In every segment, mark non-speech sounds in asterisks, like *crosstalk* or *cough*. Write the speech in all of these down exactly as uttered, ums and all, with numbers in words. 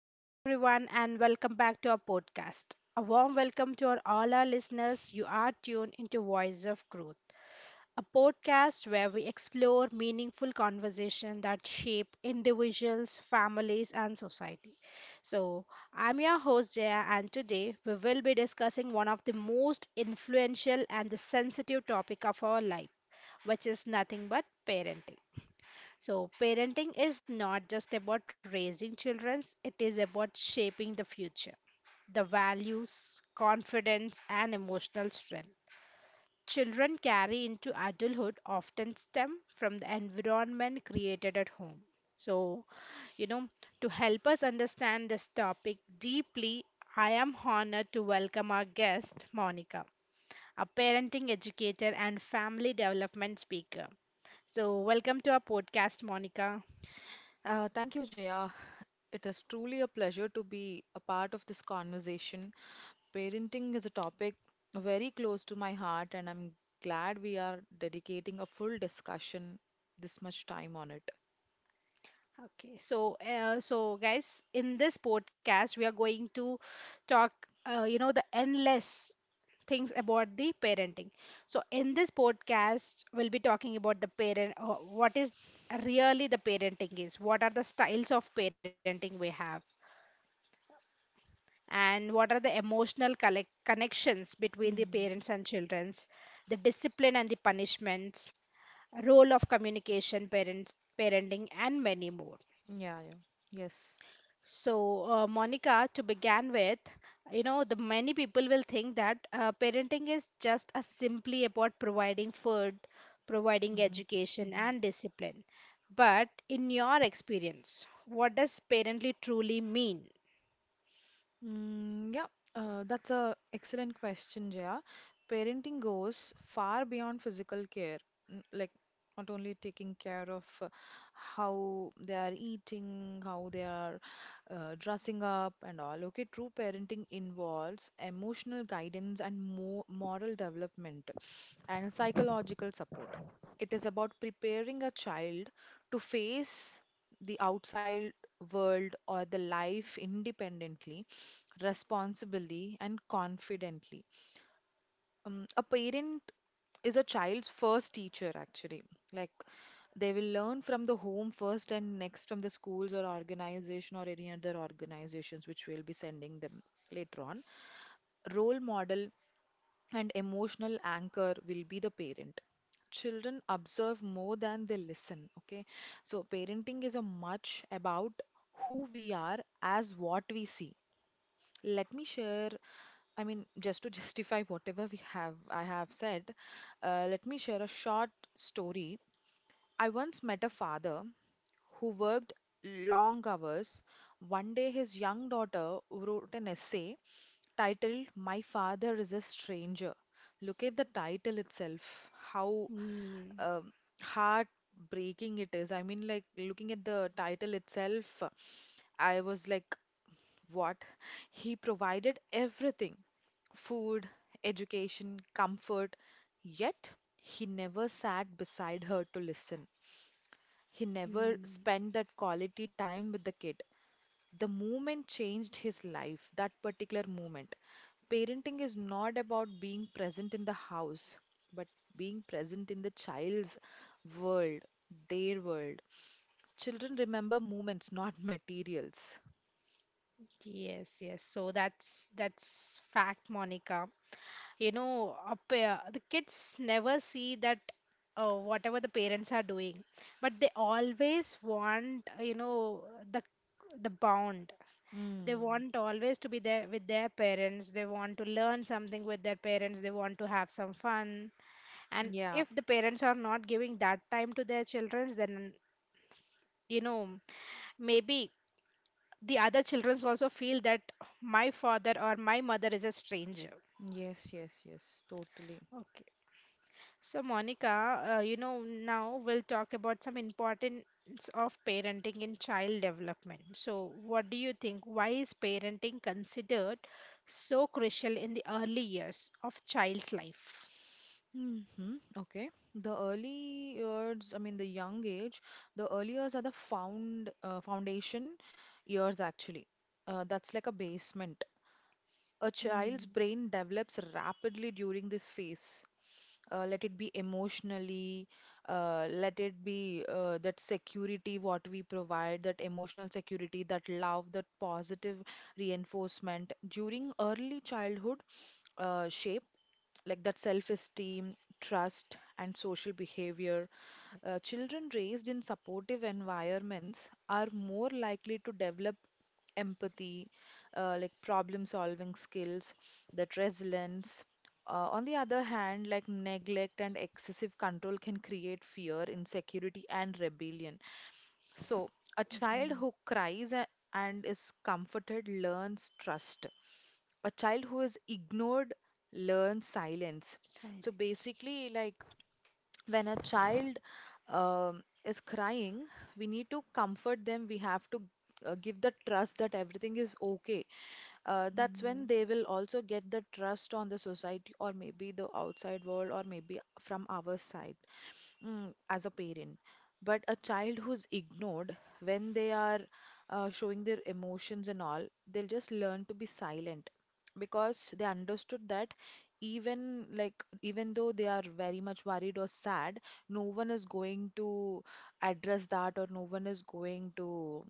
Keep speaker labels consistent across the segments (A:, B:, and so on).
A: Hello, everyone, and welcome back to our podcast. A warm welcome to our, all our listeners. You are tuned into Voice of Growth, a podcast where we explore meaningful conversation that shape individuals, families, and society. So, I'm your host, Jaya, and today we will be discussing one of the most influential and the sensitive topic of our life, which is nothing but parenting. So, parenting is not just about raising children, it is about shaping the future, the values, confidence, and emotional strength. Children carry into adulthood often stem from the environment created at home. So, you know, to help us understand this topic deeply, I am honored to welcome our guest, Monica, a parenting educator and family development speaker. So, welcome to our podcast, Monica.
B: Uh, thank you, Jaya. It is truly a pleasure to be a part of this conversation. Parenting is a topic very close to my heart, and I'm glad we are dedicating a full discussion this much time on it.
A: Okay, so uh, so guys, in this podcast, we are going to talk, uh, you know, the endless things about the parenting. So in this podcast, we'll be talking about the parent, uh, what is really the parenting is, what are the styles of parenting we have, and what are the emotional collect connections between the
B: Hmm.
A: parents and childrens, the discipline and the punishments, role of communication, parents, parenting, and many more.
B: Yeah, yeah. Yes.
A: So, uh, Monica, to begin with, you know, the many people will think that uh, parenting is just as simply about providing food, providing
B: Mm-hmm.
A: education, and discipline. But in your experience, what does parently truly mean?
B: Mm, yeah, uh, that's a excellent question, Jaya. Parenting goes far beyond physical care, n- like not only taking care of uh, how they are eating, how they are uh, dressing up, and all. Okay, true parenting involves emotional guidance and mo moral development and psychological support. It is about preparing a child to face the outside world or the life independently, responsibly, and confidently. Um, a parent is a child's first teacher, actually. Like they will learn from the home first and next from the schools or organization or any other organizations which will be sending them later on. Role model and emotional anchor will be the parent. Children observe more than they listen, okay? So parenting is a much about who we are as what we see. Let me share, I mean, *laughs* just to justify whatever we have I have said. Uh, let me share a short story. I once met a father who worked long hours. One day, his young daughter wrote an essay titled My Father is a Stranger. Look at the title itself, how
A: Mm,
B: um, heartbreaking it is. I mean, like looking at the title itself, I was like, what? He provided everything, food, education, comfort, yet he never sat beside her to listen. He never
A: mm,
B: spent that quality time with the kid. The moment changed his life, that particular moment. Parenting is not about being present in the house, but being present in the child's world, their world. Children remember moments, not *laughs* materials.
A: yes, yes. So that's that's fact, Monica. You know, a pa- the kids never see that uh, whatever the parents are doing, but they always want, uh, you know the the bond. They
B: Mm,
A: want always to be there with their parents, they want to learn something with their parents, they want to have some fun. And
B: yeah.
A: if the parents are not giving that time to their children, then you know, maybe the other children also feel that my father or my mother is a stranger.
B: Yes, yes, yes, totally.
A: Okay. So, Monica, uh, you know, now we'll talk about some importance of parenting in child development. So, what do you think? Why is parenting considered so crucial in the early years of child's life?
B: Mm-hmm. Okay. The early years, I mean the young age, the early years are the found uh, foundation years actually. Uh, that's like a basement. A child's
A: Mm-hmm.
B: brain develops rapidly during this phase. Uh, let it be emotionally, uh, let it be uh, that security what we provide, that emotional security, that love, that positive reinforcement. During early childhood, uh, shape like that self-esteem, trust, and social behavior. Uh, children raised in supportive environments are more likely to develop empathy, uh, like problem solving skills, that resilience. Uh, on the other hand, like neglect and excessive control can create fear, insecurity, and rebellion. So, a child who cries a- and is comforted learns trust. A child who is ignored learns silence. So,
A: Silence.
B: basically, like when a child um, is crying, we need to comfort them. We have to uh, give the trust that everything is okay. Uh, that's when
A: Mm.
B: they
A: *laughs*
B: will also get the trust on the society, or maybe the outside world, or maybe from our side, mm, as a parent. But a child who's ignored when they are uh, showing their emotions and all, they'll just learn to be silent because they understood that even like even though they are very much worried or sad, no one is going to address that or no one is going to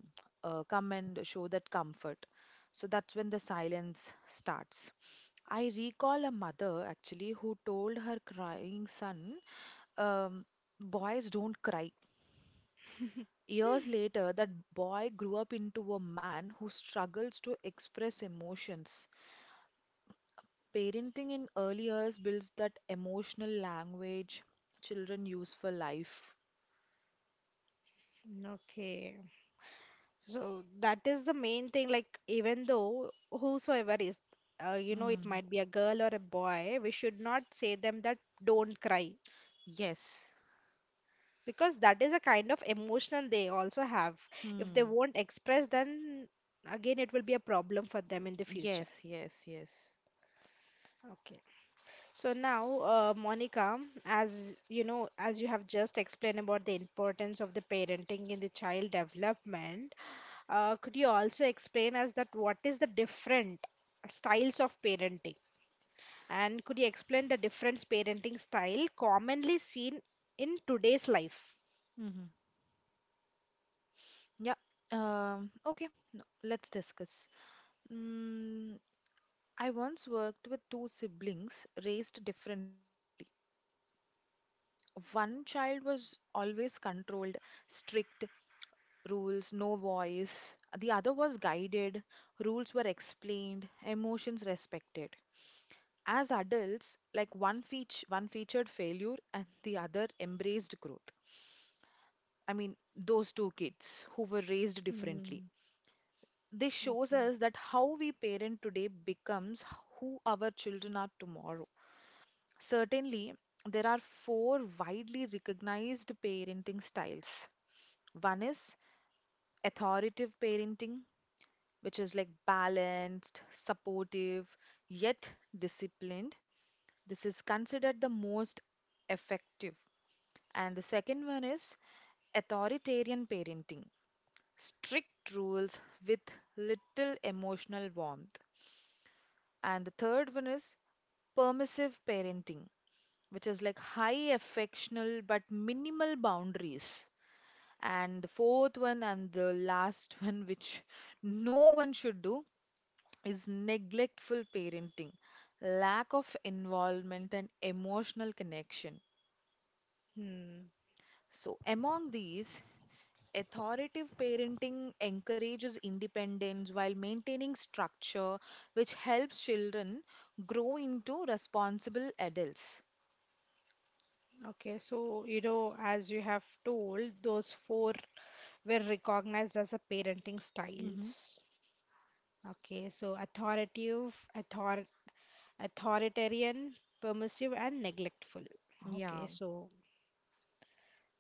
B: uh, come and show that comfort. So that's when the silence starts. I recall a mother actually who told her crying son, um, boys don't cry. Years later, that boy grew up into a man who struggles to express emotions. Parenting in early years builds that emotional language children use for life.
A: Okay. So that is the main thing. Like, even though whosoever is, uh, you know, it
B: Mm.
A: might be a girl or a boy, we should not say them that don't cry.
B: Yes.
A: Because that is a kind of emotional they also have. If they
B: Hmm.
A: won't express, then again it will be a problem for them in the future.
B: Yes, yes, yes.
A: Okay. So now, uh, Monica, as you know, as you have just explained about the importance of the parenting in the child development, uh, could you also explain us that what is the different styles of parenting, and could you explain the different parenting style commonly seen in today's life?
B: Mm-hmm. Yeah. Um, okay, no, let's discuss. Mm, I once worked with two siblings raised differently. One child was always controlled, strict rules, no voice. The other was guided, rules were explained, emotions respected. As adults, like one feat one featured failure and the other embraced growth. I mean, those two kids who were raised differently.
A: Hmm.
B: This shows
A: Okay.
B: us that how we parent today becomes who our children are tomorrow. Certainly, there are four widely recognized parenting styles. One is authoritative parenting, which is like balanced, supportive, yet disciplined. This is considered the most effective. And the second one is authoritarian parenting, strict rules with little emotional warmth. And the third one is permissive parenting, which is like high affectional but minimal boundaries. And the fourth one and the last *laughs* one, which no one should do, is neglectful parenting, lack of involvement, and emotional connection.
A: Hmm.
B: So, among these, authoritative parenting encourages independence while maintaining structure, which helps children grow into responsible adults.
A: Okay, so you know, as you have told, those four were recognized as the parenting
B: Hmm.
A: styles. Okay, so authoritative, author authoritarian, permissive, and neglectful. Okay,
B: Yeah.
A: so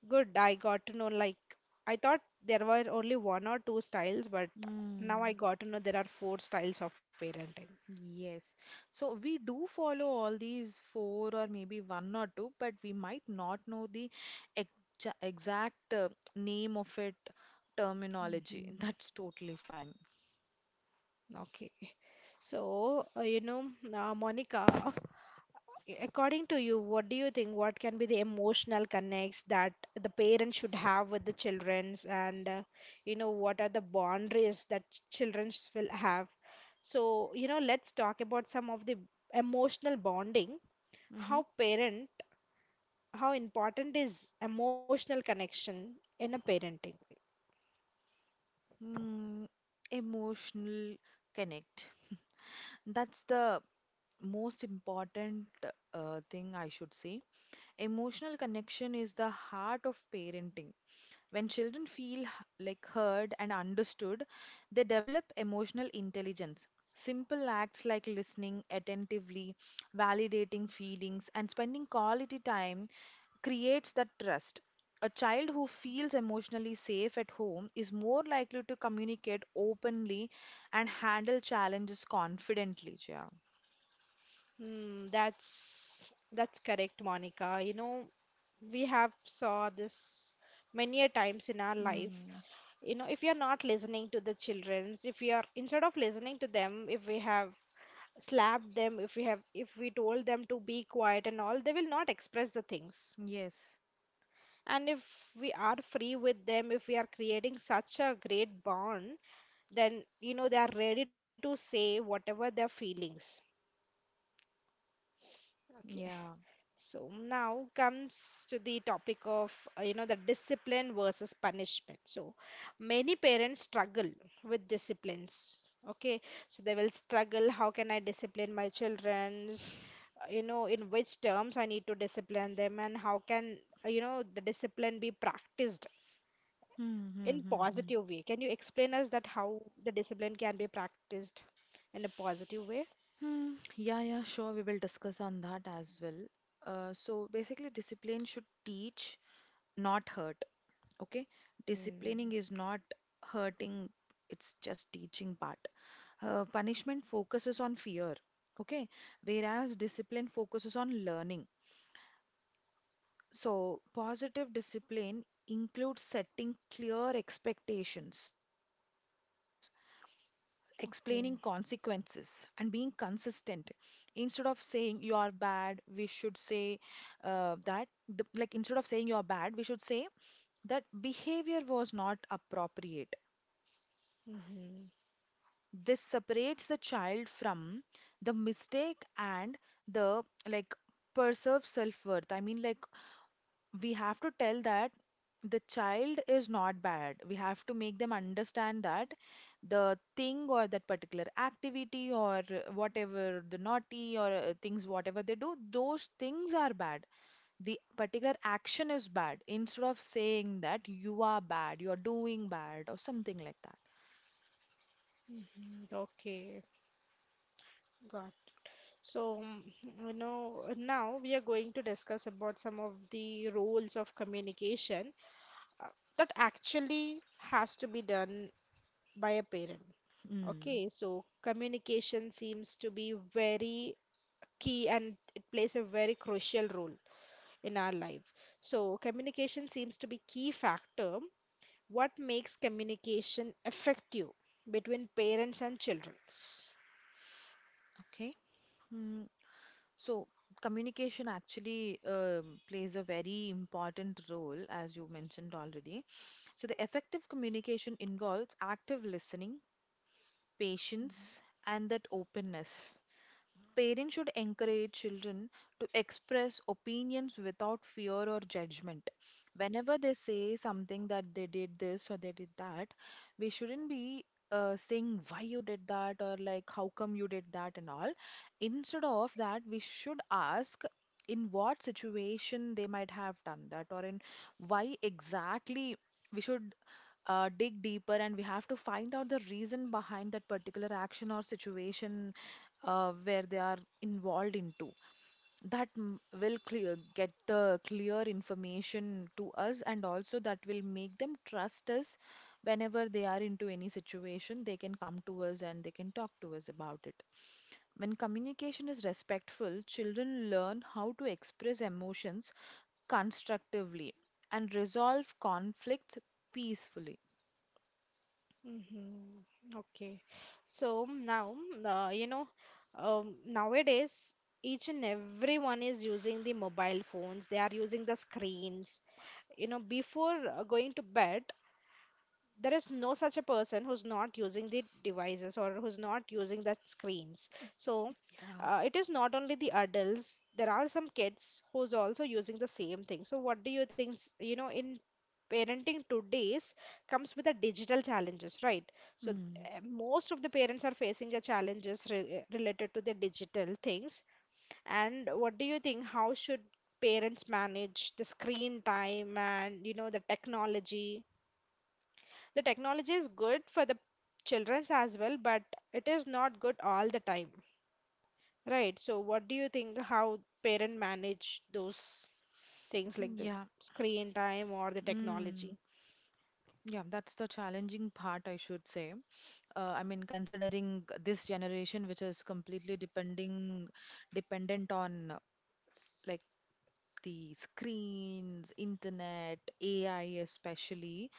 A: good. I got to know, like, I thought there were only one or two styles, but now I
B: Mm.
A: got to know there are four styles of parenting.
B: Yes. So we do follow all these four or maybe one or two, but we might not know the exa- exact uh, name of it, terminology. *laughs*
A: Hmm.
B: That's totally fine.
A: Okay. So, uh, you know, uh, Monica, according to you, what do you think? What can be the emotional connects that the parents should have with the childrens, and, uh, you know, what are the boundaries that childrens will have? So, you know, let's talk about some of the emotional bonding.
B: Mm-hmm.
A: How parent, how important is emotional connection in a parenting?
B: Mm, Emotional connect. That's the most important uh, thing I should say. Emotional connection is the heart of parenting. When children feel h- like heard and understood, they develop emotional intelligence. Simple acts like listening attentively, validating feelings, and spending quality time creates that trust. A child who feels emotionally safe at home is more likely to communicate openly and handle challenges confidently. Yeah.
A: Hmm, that's that's correct, Monica. You know, we have saw this many a times in our life.
B: Mm.
A: You know, if you're not listening to the childrens, if you are instead of listening to them, if we have slapped them, if we have, if we told them to be quiet and all, they will not express the things.
B: Yes.
A: And if we are free with them, if we are creating such a great bond, then you know, they are ready to say whatever their feelings. Okay.
B: Yeah.
A: So now comes to the topic of, uh, you know the discipline versus punishment. So many parents struggle with disciplines. Okay, so they will struggle. How can I discipline my children's? Uh, You know, in which terms I need to discipline them, and how can, uh, you know the discipline be practiced
B: Hmm. Hmm.
A: in
B: Hmm. Hmm.
A: positive way? Can you explain us that how the discipline can be practiced in a positive way?
B: Hmm, yeah, yeah, sure. We will discuss on that as well. Uh, so basically, discipline should teach, not hurt. Okay, disciplining
A: Mm,
B: is not hurting, it's just teaching part. Uh, punishment focuses on fear. Okay, whereas discipline focuses on learning. So, positive discipline includes setting clear expectations, explaining consequences,
A: okay.
B: and being consistent. Instead of saying you are bad, we should say, uh, that, the, like, instead of saying you are bad, we should say that behavior was not appropriate.
A: Hmm.
B: This separates the child from the mistake and the like preserve self worth. I mean, like, we have to tell that the child is not bad. We have to make them understand that the thing or that particular activity or uh, whatever the naughty or uh, things, whatever they do, those things are bad. The particular action is bad instead of saying that you are bad, you are doing bad, or something like that.
A: Okay. Got. So, mm, you know, now we are going to discuss about some of the roles of communication uh, that actually has to be done by a parent.
B: Mm,
A: Okay, so communication seems to be very key and it plays a very crucial role in our life. So, communication seems to be key factor. What makes communication effective between parents and children?
B: okay. Mm, so communication actually um, plays a very important role, as you mentioned already. So the effective communication involves active listening, patience, and that openness. Parents should encourage children to express opinions without fear or judgment. Whenever they say something that they did this or they did that, we shouldn't be uh, saying why you did that or like how come you did that and all. Instead of that, we should ask in what situation they might have done that or in why exactly we should uh, dig deeper, and we have to find out the reason behind that particular action or situation uh, where they are involved into that, m- will clear get the clear information to us, and also that will make them trust us. Whenever they are into any situation, they can come to us and they can talk to us about it. When communication is respectful, children learn how to express emotions constructively and resolve conflicts peacefully.
A: Mm-hmm. Okay. So now, uh, you know, um, nowadays, each and everyone is using the mobile phones. They are using the screens. You know, before uh, going to bed, there is no such a person who's not using the devices or who's not using the screens. So
B: Yeah.
A: uh, it is not only the adults, there are some kids who's also using the same thing. So what do you think? S- you know, in parenting today's comes with the digital challenges, right? So
B: Hmm.
A: uh, most of the parents are facing the challenges re- eh, related to the digital things. And what do you think, how should parents manage the screen time and you know, the technology? The technology is good for the children's as well, but it is not good all the time, right? So what do you think, how parent manage those things like the
B: Yeah.
A: screen time or the
B: Mm.
A: technology?
B: Yeah, that's the challenging part, I should say. Uh, I mean, considering this generation, which is completely depending dependent on uh, like the screens, internet, A I especially,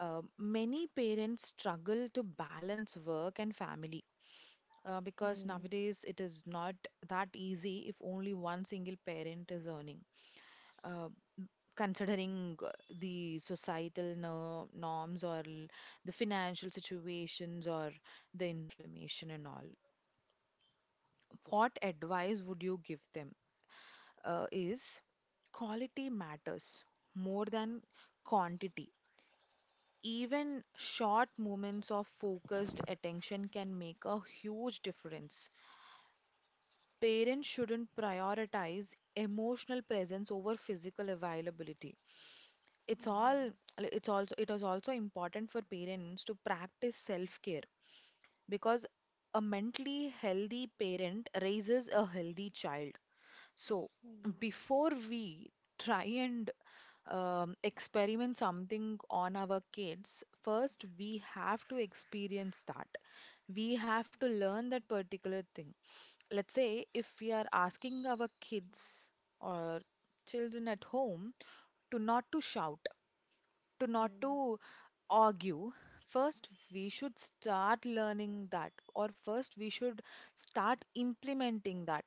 B: uh, many parents struggle to balance work and family. Uh, because
A: Hmm.
B: nowadays it is not that easy if only one single parent is earning. Uh, Considering uh, the societal no- norms or l- the financial situations or the inflammation and all, what advice would you give them uh, is quality matters more than quantity. Even short moments of focused attention can make a huge difference. Parents shouldn't prioritize emotional presence over physical availability. it's all like, it's also it is also important for parents to practice self-care, because a mentally healthy parent raises a healthy child. So before we try and um, experiment something on our kids, first we have to experience that, we have to learn that particular thing. Let's say if we are asking our kids or children at home to not to shout, to not
A: Hmm.
B: to argue, first we should start learning that, or first we should start implementing that.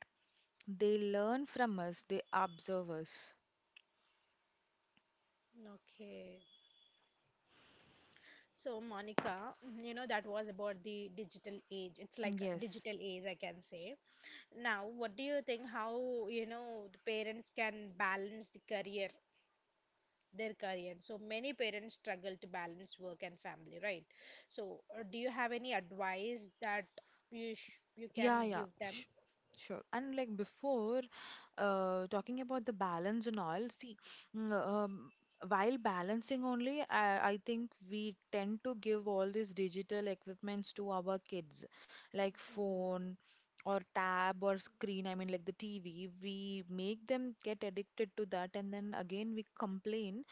B: They learn from us, they observe us.
A: Okay. So, Monica, mm, you know, that was about the digital age. It's like a
B: Yes.
A: digital age, I can say. Now, what do you think, how, you know, the parents can balance the career their career. So many parents struggle to balance work and family, right? So, uh, do you have any advice that you sh you
B: Yeah,
A: can
B: yeah,
A: give
B: sh
A: them?
B: sure. And like before, uh, talking about the balance and all, see, mm, um, while balancing only, I, I think we tend to give all these digital equipments to our kids, like phone
A: Mm,
B: or tab or screen, I mean, like the T V. We make them get addicted to that, and then again, we complain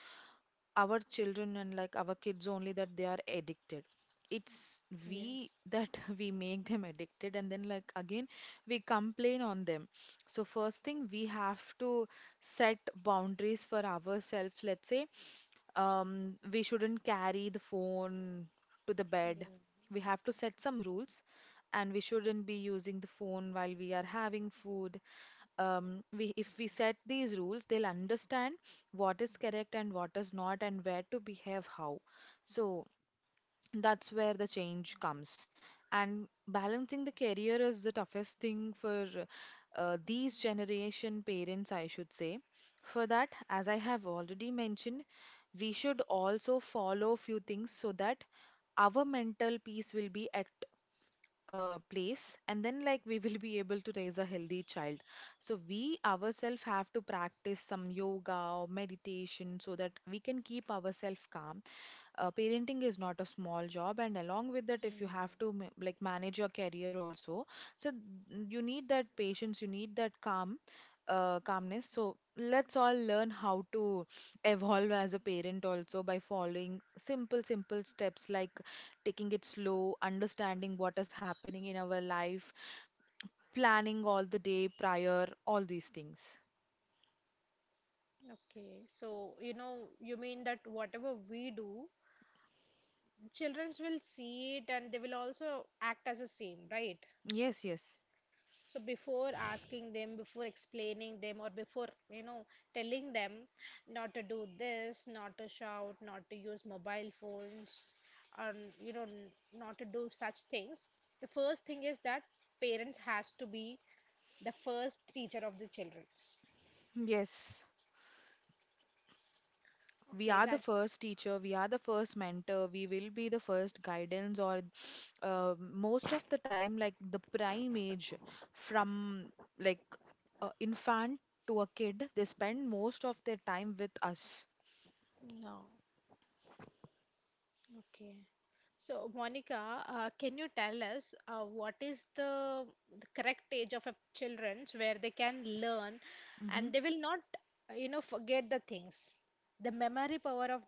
B: our children and like our kids only that they are addicted. It's we
A: yes.
B: that *laughs* we make them addicted, and then like again we complain on them. So first thing, we have to set boundaries for ourselves. Let's say um we shouldn't carry the phone to the bed,
A: Mm,
B: we have to set some rules, and we shouldn't be using the phone while we are having food. Um, we If we set these rules, they'll understand what is correct and what is not, and where to behave how. So that's where the change comes. And balancing the career is the toughest thing for uh, these generation parents, I should say. For that, as I have already mentioned, we should also follow few things so that our mental peace will be at uh, place, and then like we will be able to raise a healthy child. So we ourselves have to practice some yoga or meditation so that we can keep ourselves calm. Uh, parenting is not a small job, and along with that if you
A: mm.
B: have to ma- like manage your career also. So th- you need that patience, you need that calm, uh, calmness. So let's all learn how to evolve as a parent also by following simple simple steps like taking it slow, understanding what is happening in our life, planning all the day prior, all these things.
A: Okay. So, you know, you mean that whatever we do, childrens will see it and they will also act as the same, right?
B: Yes, yes.
A: So before asking them, before explaining them, or before, you know, telling them not to do this, not to shout, not to use mobile phones, or you know, n- not to do such things, the first thing is that parents has to be the first teacher of the childrens.
B: Yes, we
A: Okay,
B: are the first
A: that's
B: teacher, we are the first mentor, we will be the first guidance, or uh, most of the time, like the prime age from like uh, infant to a kid, they spend most of their time with us.
A: yeah, okay. So, Monica, uh, can you tell us uh, what is the, the correct age of a children's where they can learn
B: Hmm.
A: and they will not, uh, you know, forget the things? The memory power of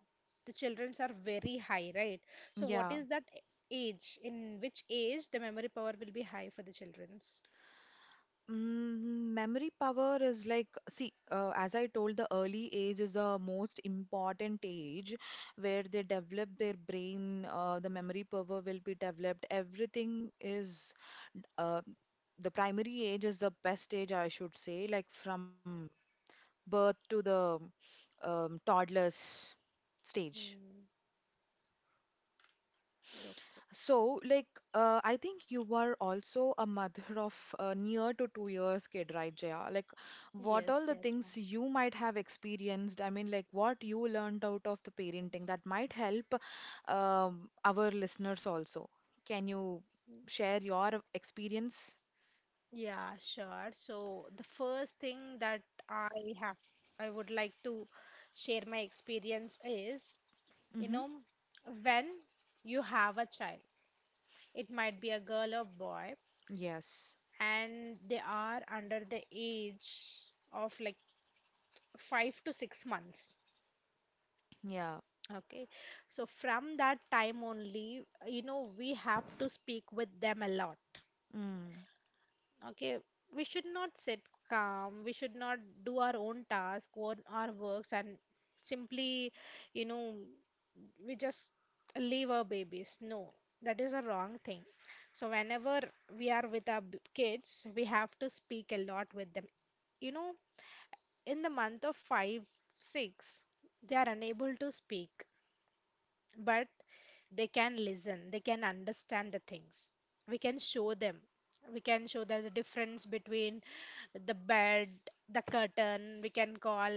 A: the children's are very high, right? So, what
B: Yeah.
A: is that a- age? In which age the memory power will be high for the children's?
B: Mm, memory power is like, see, uh, as I told, the early age is the most important age where they develop their brain, uh, the memory power will be developed. Everything is, uh, the primary age is the best age, I should say, like from birth to the um, toddler's stage.
A: Hmm. Okay.
B: So, like, uh, I think you were also a mother *laughs* of uh, near to two years kid, right, Jaya? Like, what
A: Yes,
B: all the
A: yes, ma'am.
B: things you might have experienced, I mean, like, what you learned out of the parenting that might help um, our listeners also. Can you share your experience?
A: Yeah, sure. So the first thing that I have, I would like to share my experience is, you
B: Mm-hmm.
A: know, when you have a child, it might be a girl or boy,
B: Yes.
A: and they are under the age of like five to six months.
B: Yeah.
A: Okay, so from that time only, you know, we have to speak with them a lot.
B: Mm.
A: Okay, we should not sit calm, we should not do our own task or our works and simply, you know, we just leave our babies. No, that is a wrong thing. So, whenever we are with our b- kids, we have to speak a lot with them. You know, in the month of five, six, they are unable to speak, but they can listen, they can understand the things. We can show them. We can show them the difference between the bed, the curtain. We can call,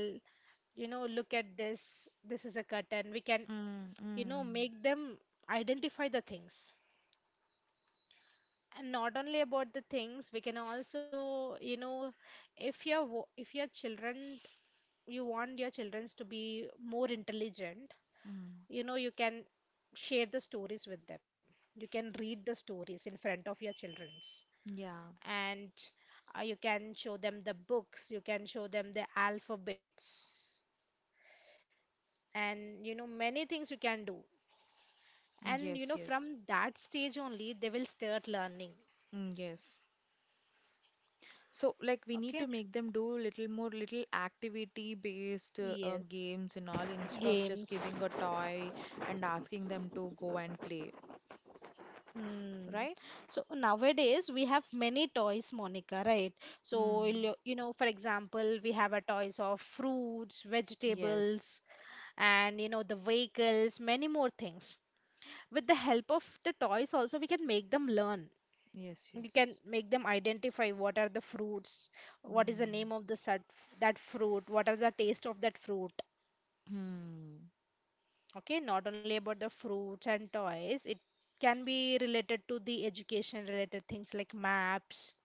A: you know, look at this. This is a curtain. We can,
B: Mm.
A: you know,
B: Mm.
A: make them identify the things. And not only about the things, we can also, you know, if your wo- if your children, you want your children to be more intelligent,
B: Mm.
A: you know, you can share the stories with them, you can read the stories in front of your children's,
B: Yeah.
A: and uh, you can show them the books, you can show them the alphabets, and you know, many things you can do. And you
B: Yes,
A: know,
B: yes.
A: from that stage only they will start learning.
B: Mm, yes. So, like, we need
A: Okay.
B: to make them do little more little activity based uh, uh,
A: Yes,
B: games and all, instead of just
A: games.
B: giving a toy and asking them to go and play,
A: Hmm.
B: right?
A: So nowadays we have many toys, Monica, right? So
B: Mm.
A: you'll- you know, for example, we have a toys of fruits,
B: Yes,
A: vegetables, and you know, the vehicles, many more things. With the help of the toys, also we can make them learn.
B: yes,
A: We can
B: yes.
A: make them identify what are the fruits, what is the
B: Mm.
A: name of the sut- that fruit, what are the taste of that fruit.
B: Hmm.
A: Okay, not only about the fruits and toys, it can be related to the education related things like maps,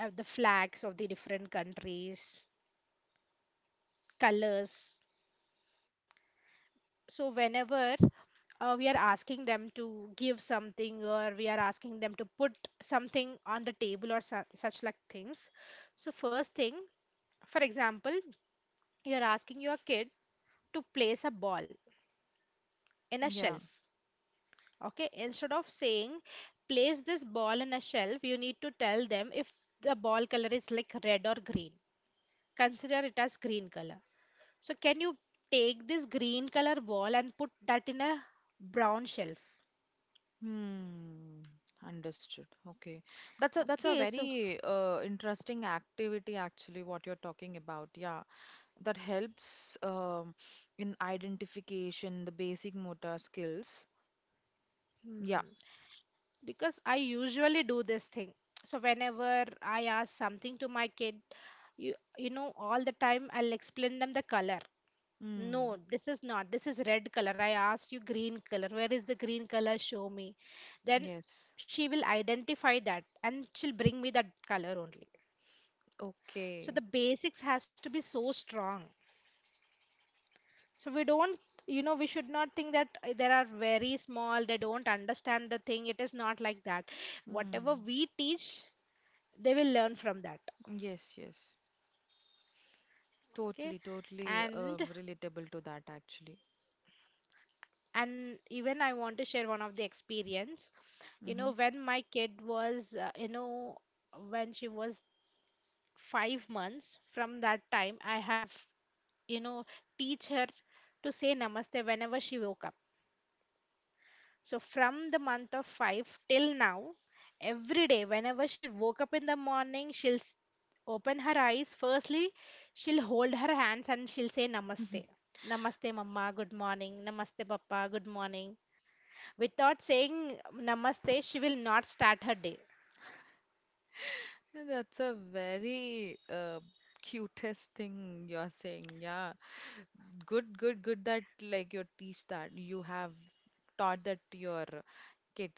A: uh, the flags of the different countries, colors. So whenever uh, we are asking them to give something or we are asking them to put something on the table or su- such like things, so first thing, for example, you are asking your kid to place a ball in a
B: Yeah.
A: shelf. Okay, instead of saying place this ball in a shelf, you need to tell them if the ball color is like red or green. Consider it as green color. So, can you take this green color ball and put that in a brown shelf?
B: Hmm. Understood. Okay. That's a that's a
A: Okay, so
B: very uh, interesting activity actually what you're talking about. Yeah. That helps um, in identification, the basic motor skills. Yeah.
A: hmm, because I usually do this thing. So, whenever I ask something to my kid, you, you know, all the time I'll explain them the color.
B: Mm,
A: No, this is not. This is red color. I asked you green color. Where is the green color? Show me. Then
B: yes.
A: she will identify that and she'll bring me that color only. So
B: Okay.
A: the basics has to be so strong. So we don't, you know, we should not think that uh, there are very small, they don't understand the thing. It is not like that. Whatever
B: Mm,
A: we teach, they will learn from that.
B: yes, yes.
A: Okay.
B: Totally, totally
A: And
B: uh, relatable to that actually.
A: and even I want to share one of the experience. you
B: Hmm.
A: know when my kid was uh, you know when she was five months, from that time I have, you know, teach her to say namaste whenever she woke up. So from the month of five till now, every day whenever she woke up in the morning, she'll s- open her eyes firstly, she'll hold her hands and she'll say namaste.
B: *laughs*
A: Namaste Mama, good morning. Namaste papa, good morning. Without saying namaste, she will not start her day.
B: That's a very uh, cutest thing you're saying. Yeah. Good, good, good that like you teach that. You have taught that to your kid.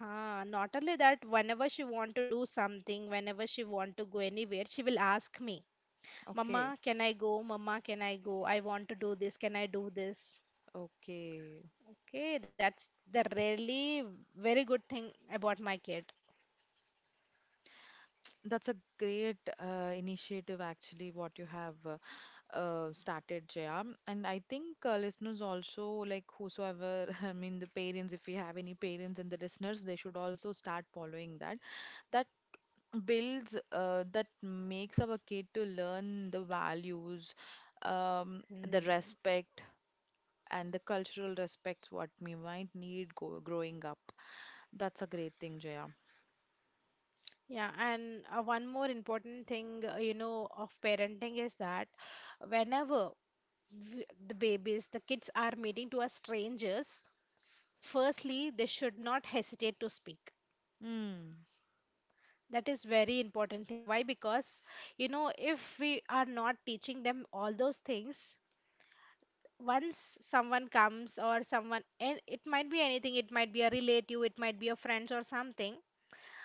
A: Ah, not only that, whenever she want to do something, whenever she want to go anywhere, she will ask me,
B: Okay.
A: Mama, can I go? Mama, can I go? I want to do this. Can I do this?
B: Okay.
A: Okay, that's the really very good thing about my kid.
B: That's a great uh, initiative actually what you have uh, uh, started, Jaya, and I think uh, listeners also, like whosoever, *laughs* I mean the parents, if we have any parents and the listeners, they should also start following that that builds uh, that makes our kid to learn the values, um, the
A: Mm.
B: respect and the cultural respects what we might need go growing up. That's a great thing, Jaya.
A: Yeah, and uh, one more important thing, uh, you know, of parenting is that whenever w the babies, the kids are meeting to a strangers, firstly they should not hesitate to speak.
B: Mm.
A: That is very important thing. Why? Because, you know, if we are not teaching them all those things, once someone comes or someone, and it might be anything, it might be a relative, it might be a friends or something,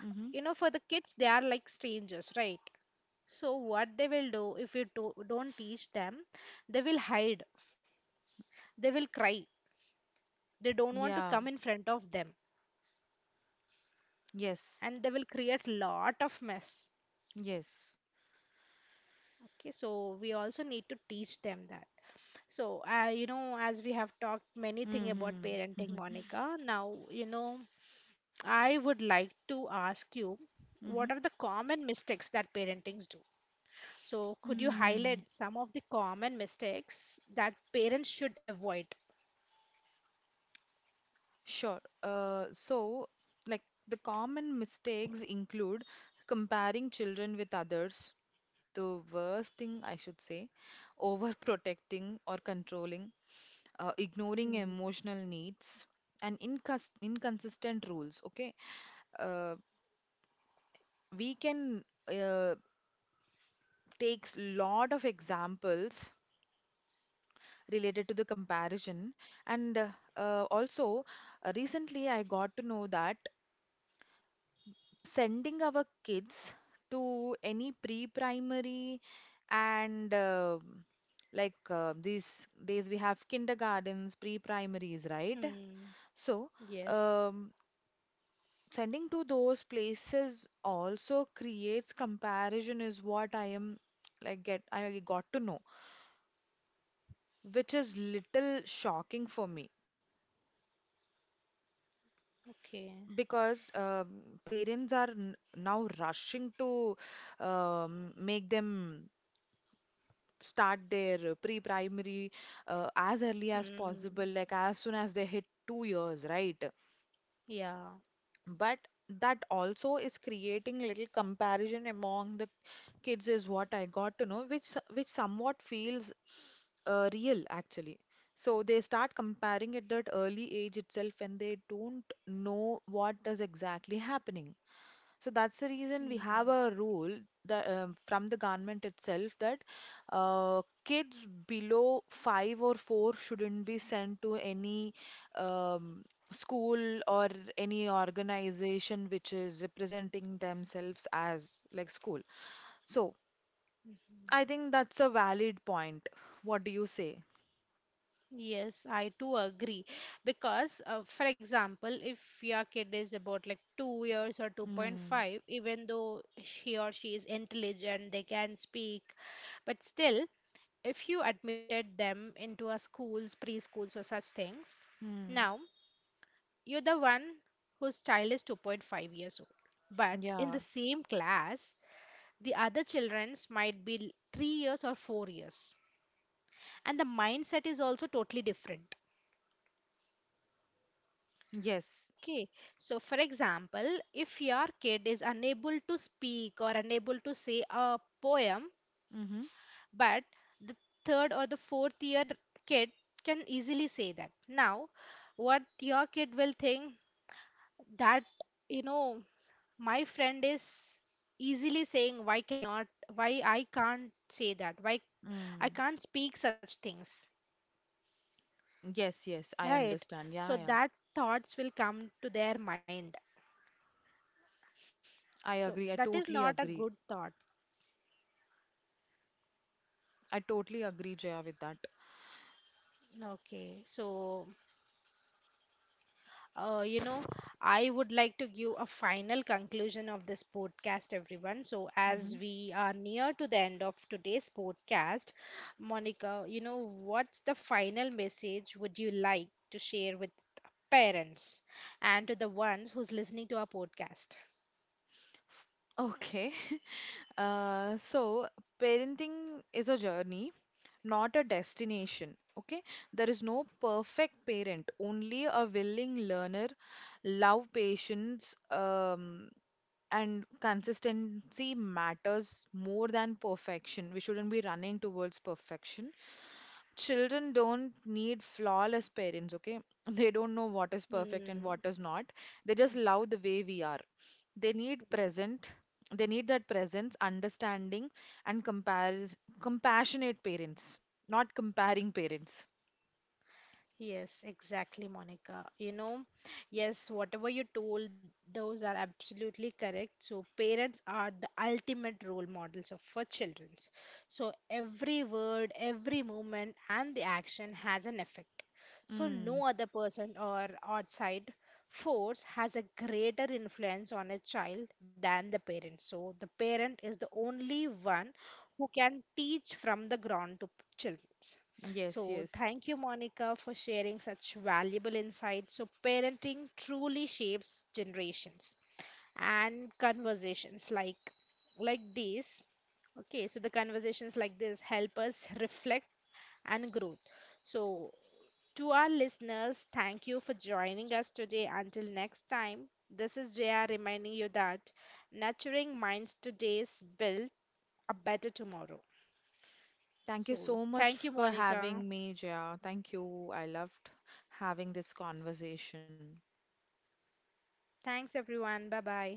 B: Mm-hmm.
A: you know, for the kids they are like strangers, right? So what they will do, if you do, don't teach them, they will hide, they will cry, they don't want to
B: Yeah.
A: come in front of them,
B: Yes,
A: and they will create lot of mess.
B: yes.
A: Okay, so we also need to teach them that. So, uh, you know, as we have talked many thing about
B: Mm-hmm.
A: parenting,
B: Mm-hmm.
A: Monica, now, you know, I would like to ask you,
B: Mm-hmm.
A: what are the common mistakes that parentings do? So, could you
B: Hmm.
A: highlight some of the common mistakes that parents should avoid?
B: Sure. Uh, so, like, the common mistakes include comparing children with others, the worst thing I should say, overprotecting or controlling, uh, ignoring
A: Hmm.
B: emotional needs, and incons inconsistent rules. Okay. Uh, we can uh, take lot of examples related to the comparison, and uh, uh, also uh, recently I got to know that, sending our kids to any pre-primary, and uh, like, uh, these days we have kindergartens, pre-primaries, right?
A: Hmm.
B: So,
A: Yes.
B: um, sending to those places also creates comparison, is what I am like get I got to know, which is little shocking for me,
A: Okay.
B: because um, parents are n now rushing to um, make them start their pre-primary uh, as early as possible,
A: Hmm.
B: like as soon as they hit two years, right?
A: Yeah.
B: But that also is creating little comparison among the kids, is what I got to know, which so- which somewhat feels uh, real actually. So they start comparing at that early age itself, and they don't know what is exactly happening. So that's the reason we have
A: Hmm.
B: a rule that, um, from the government itself, that uh, kids below five or four shouldn't be sent to any um, school or any organization which is representing themselves as like school. So I think that's a valid point. What do you say?
A: Yes, I too agree. Because, uh, for example, if your kid is about like two years or
B: Mm,
A: two point five, even though she or she is intelligent, they can speak, but still, if you admitted them into a schools, preschools, or such things,
B: mm,
A: now you're the one whose child is two point five years old. But in
B: yeah.
A: the same class, the other children's might be three years or four years. And the mindset is also totally different.
B: Yes.
A: Okay, so for example, if your kid is unable to speak or unable to say a poem,
B: Mm-hmm.
A: but the third or the fourth year kid can easily say that. Now, what your kid will think that, you know, my friend is easily saying, why cannot, why I can't say that, why I
B: Mm.
A: can't speak such things,
B: Yes, yes, I
A: right?
B: understand.
A: So
B: Yeah, yeah.
A: that thoughts will come to their mind.
B: I
A: So
B: agree. I
A: that is
B: totally
A: not a
B: agree.
A: good thought.
B: I totally agree, Jaya, with that.
A: Okay, so uh, you know, I would like to give a final conclusion of this podcast, everyone. So,
B: Mm-hmm.
A: as we are near to the end of today's podcast, Monica, you know, what's the final message would you like to share with parents and to the ones who's listening to our podcast?
B: Okay. *laughs* Uh, so parenting is a journey, not a destination. Okay. There is no perfect parent, only a willing learner. Love, patience, um, and consistency matters more than perfection. We shouldn't be running towards perfection. Children don't need flawless parents, okay? *laughs* They don't know what is perfect and
A: Hmm.
B: what is not. They just love the way we are. They need
A: Yes.
B: present, they need that presence, understanding, and compares compassionate parents, not comparing parents.
A: Yes, exactly, Monica. You know, yes, whatever you told, those are absolutely correct. So, parents are the ultimate role models of for children. So, every word, every movement, and the action has an effect. So,
B: Mm,
A: no other person or outside force has a greater influence on a child than the parent. So, the parent is the only one who can teach from the ground to children.
B: yes,
A: So,
B: yes.
A: thank you, Monica, for sharing such valuable insights. So, parenting truly shapes generations and conversations like like this. Okay, so the conversations like this help us reflect and grow. So, to our listeners, thank you for joining us today. Until next time, this is J R reminding you that nurturing minds today is build a better tomorrow.
B: Thank you
A: So,
B: so much
A: thank you,
B: for
A: Monica.
B: having me, Jia. Thank you. I loved having this conversation.
A: Thanks, everyone. Bye bye.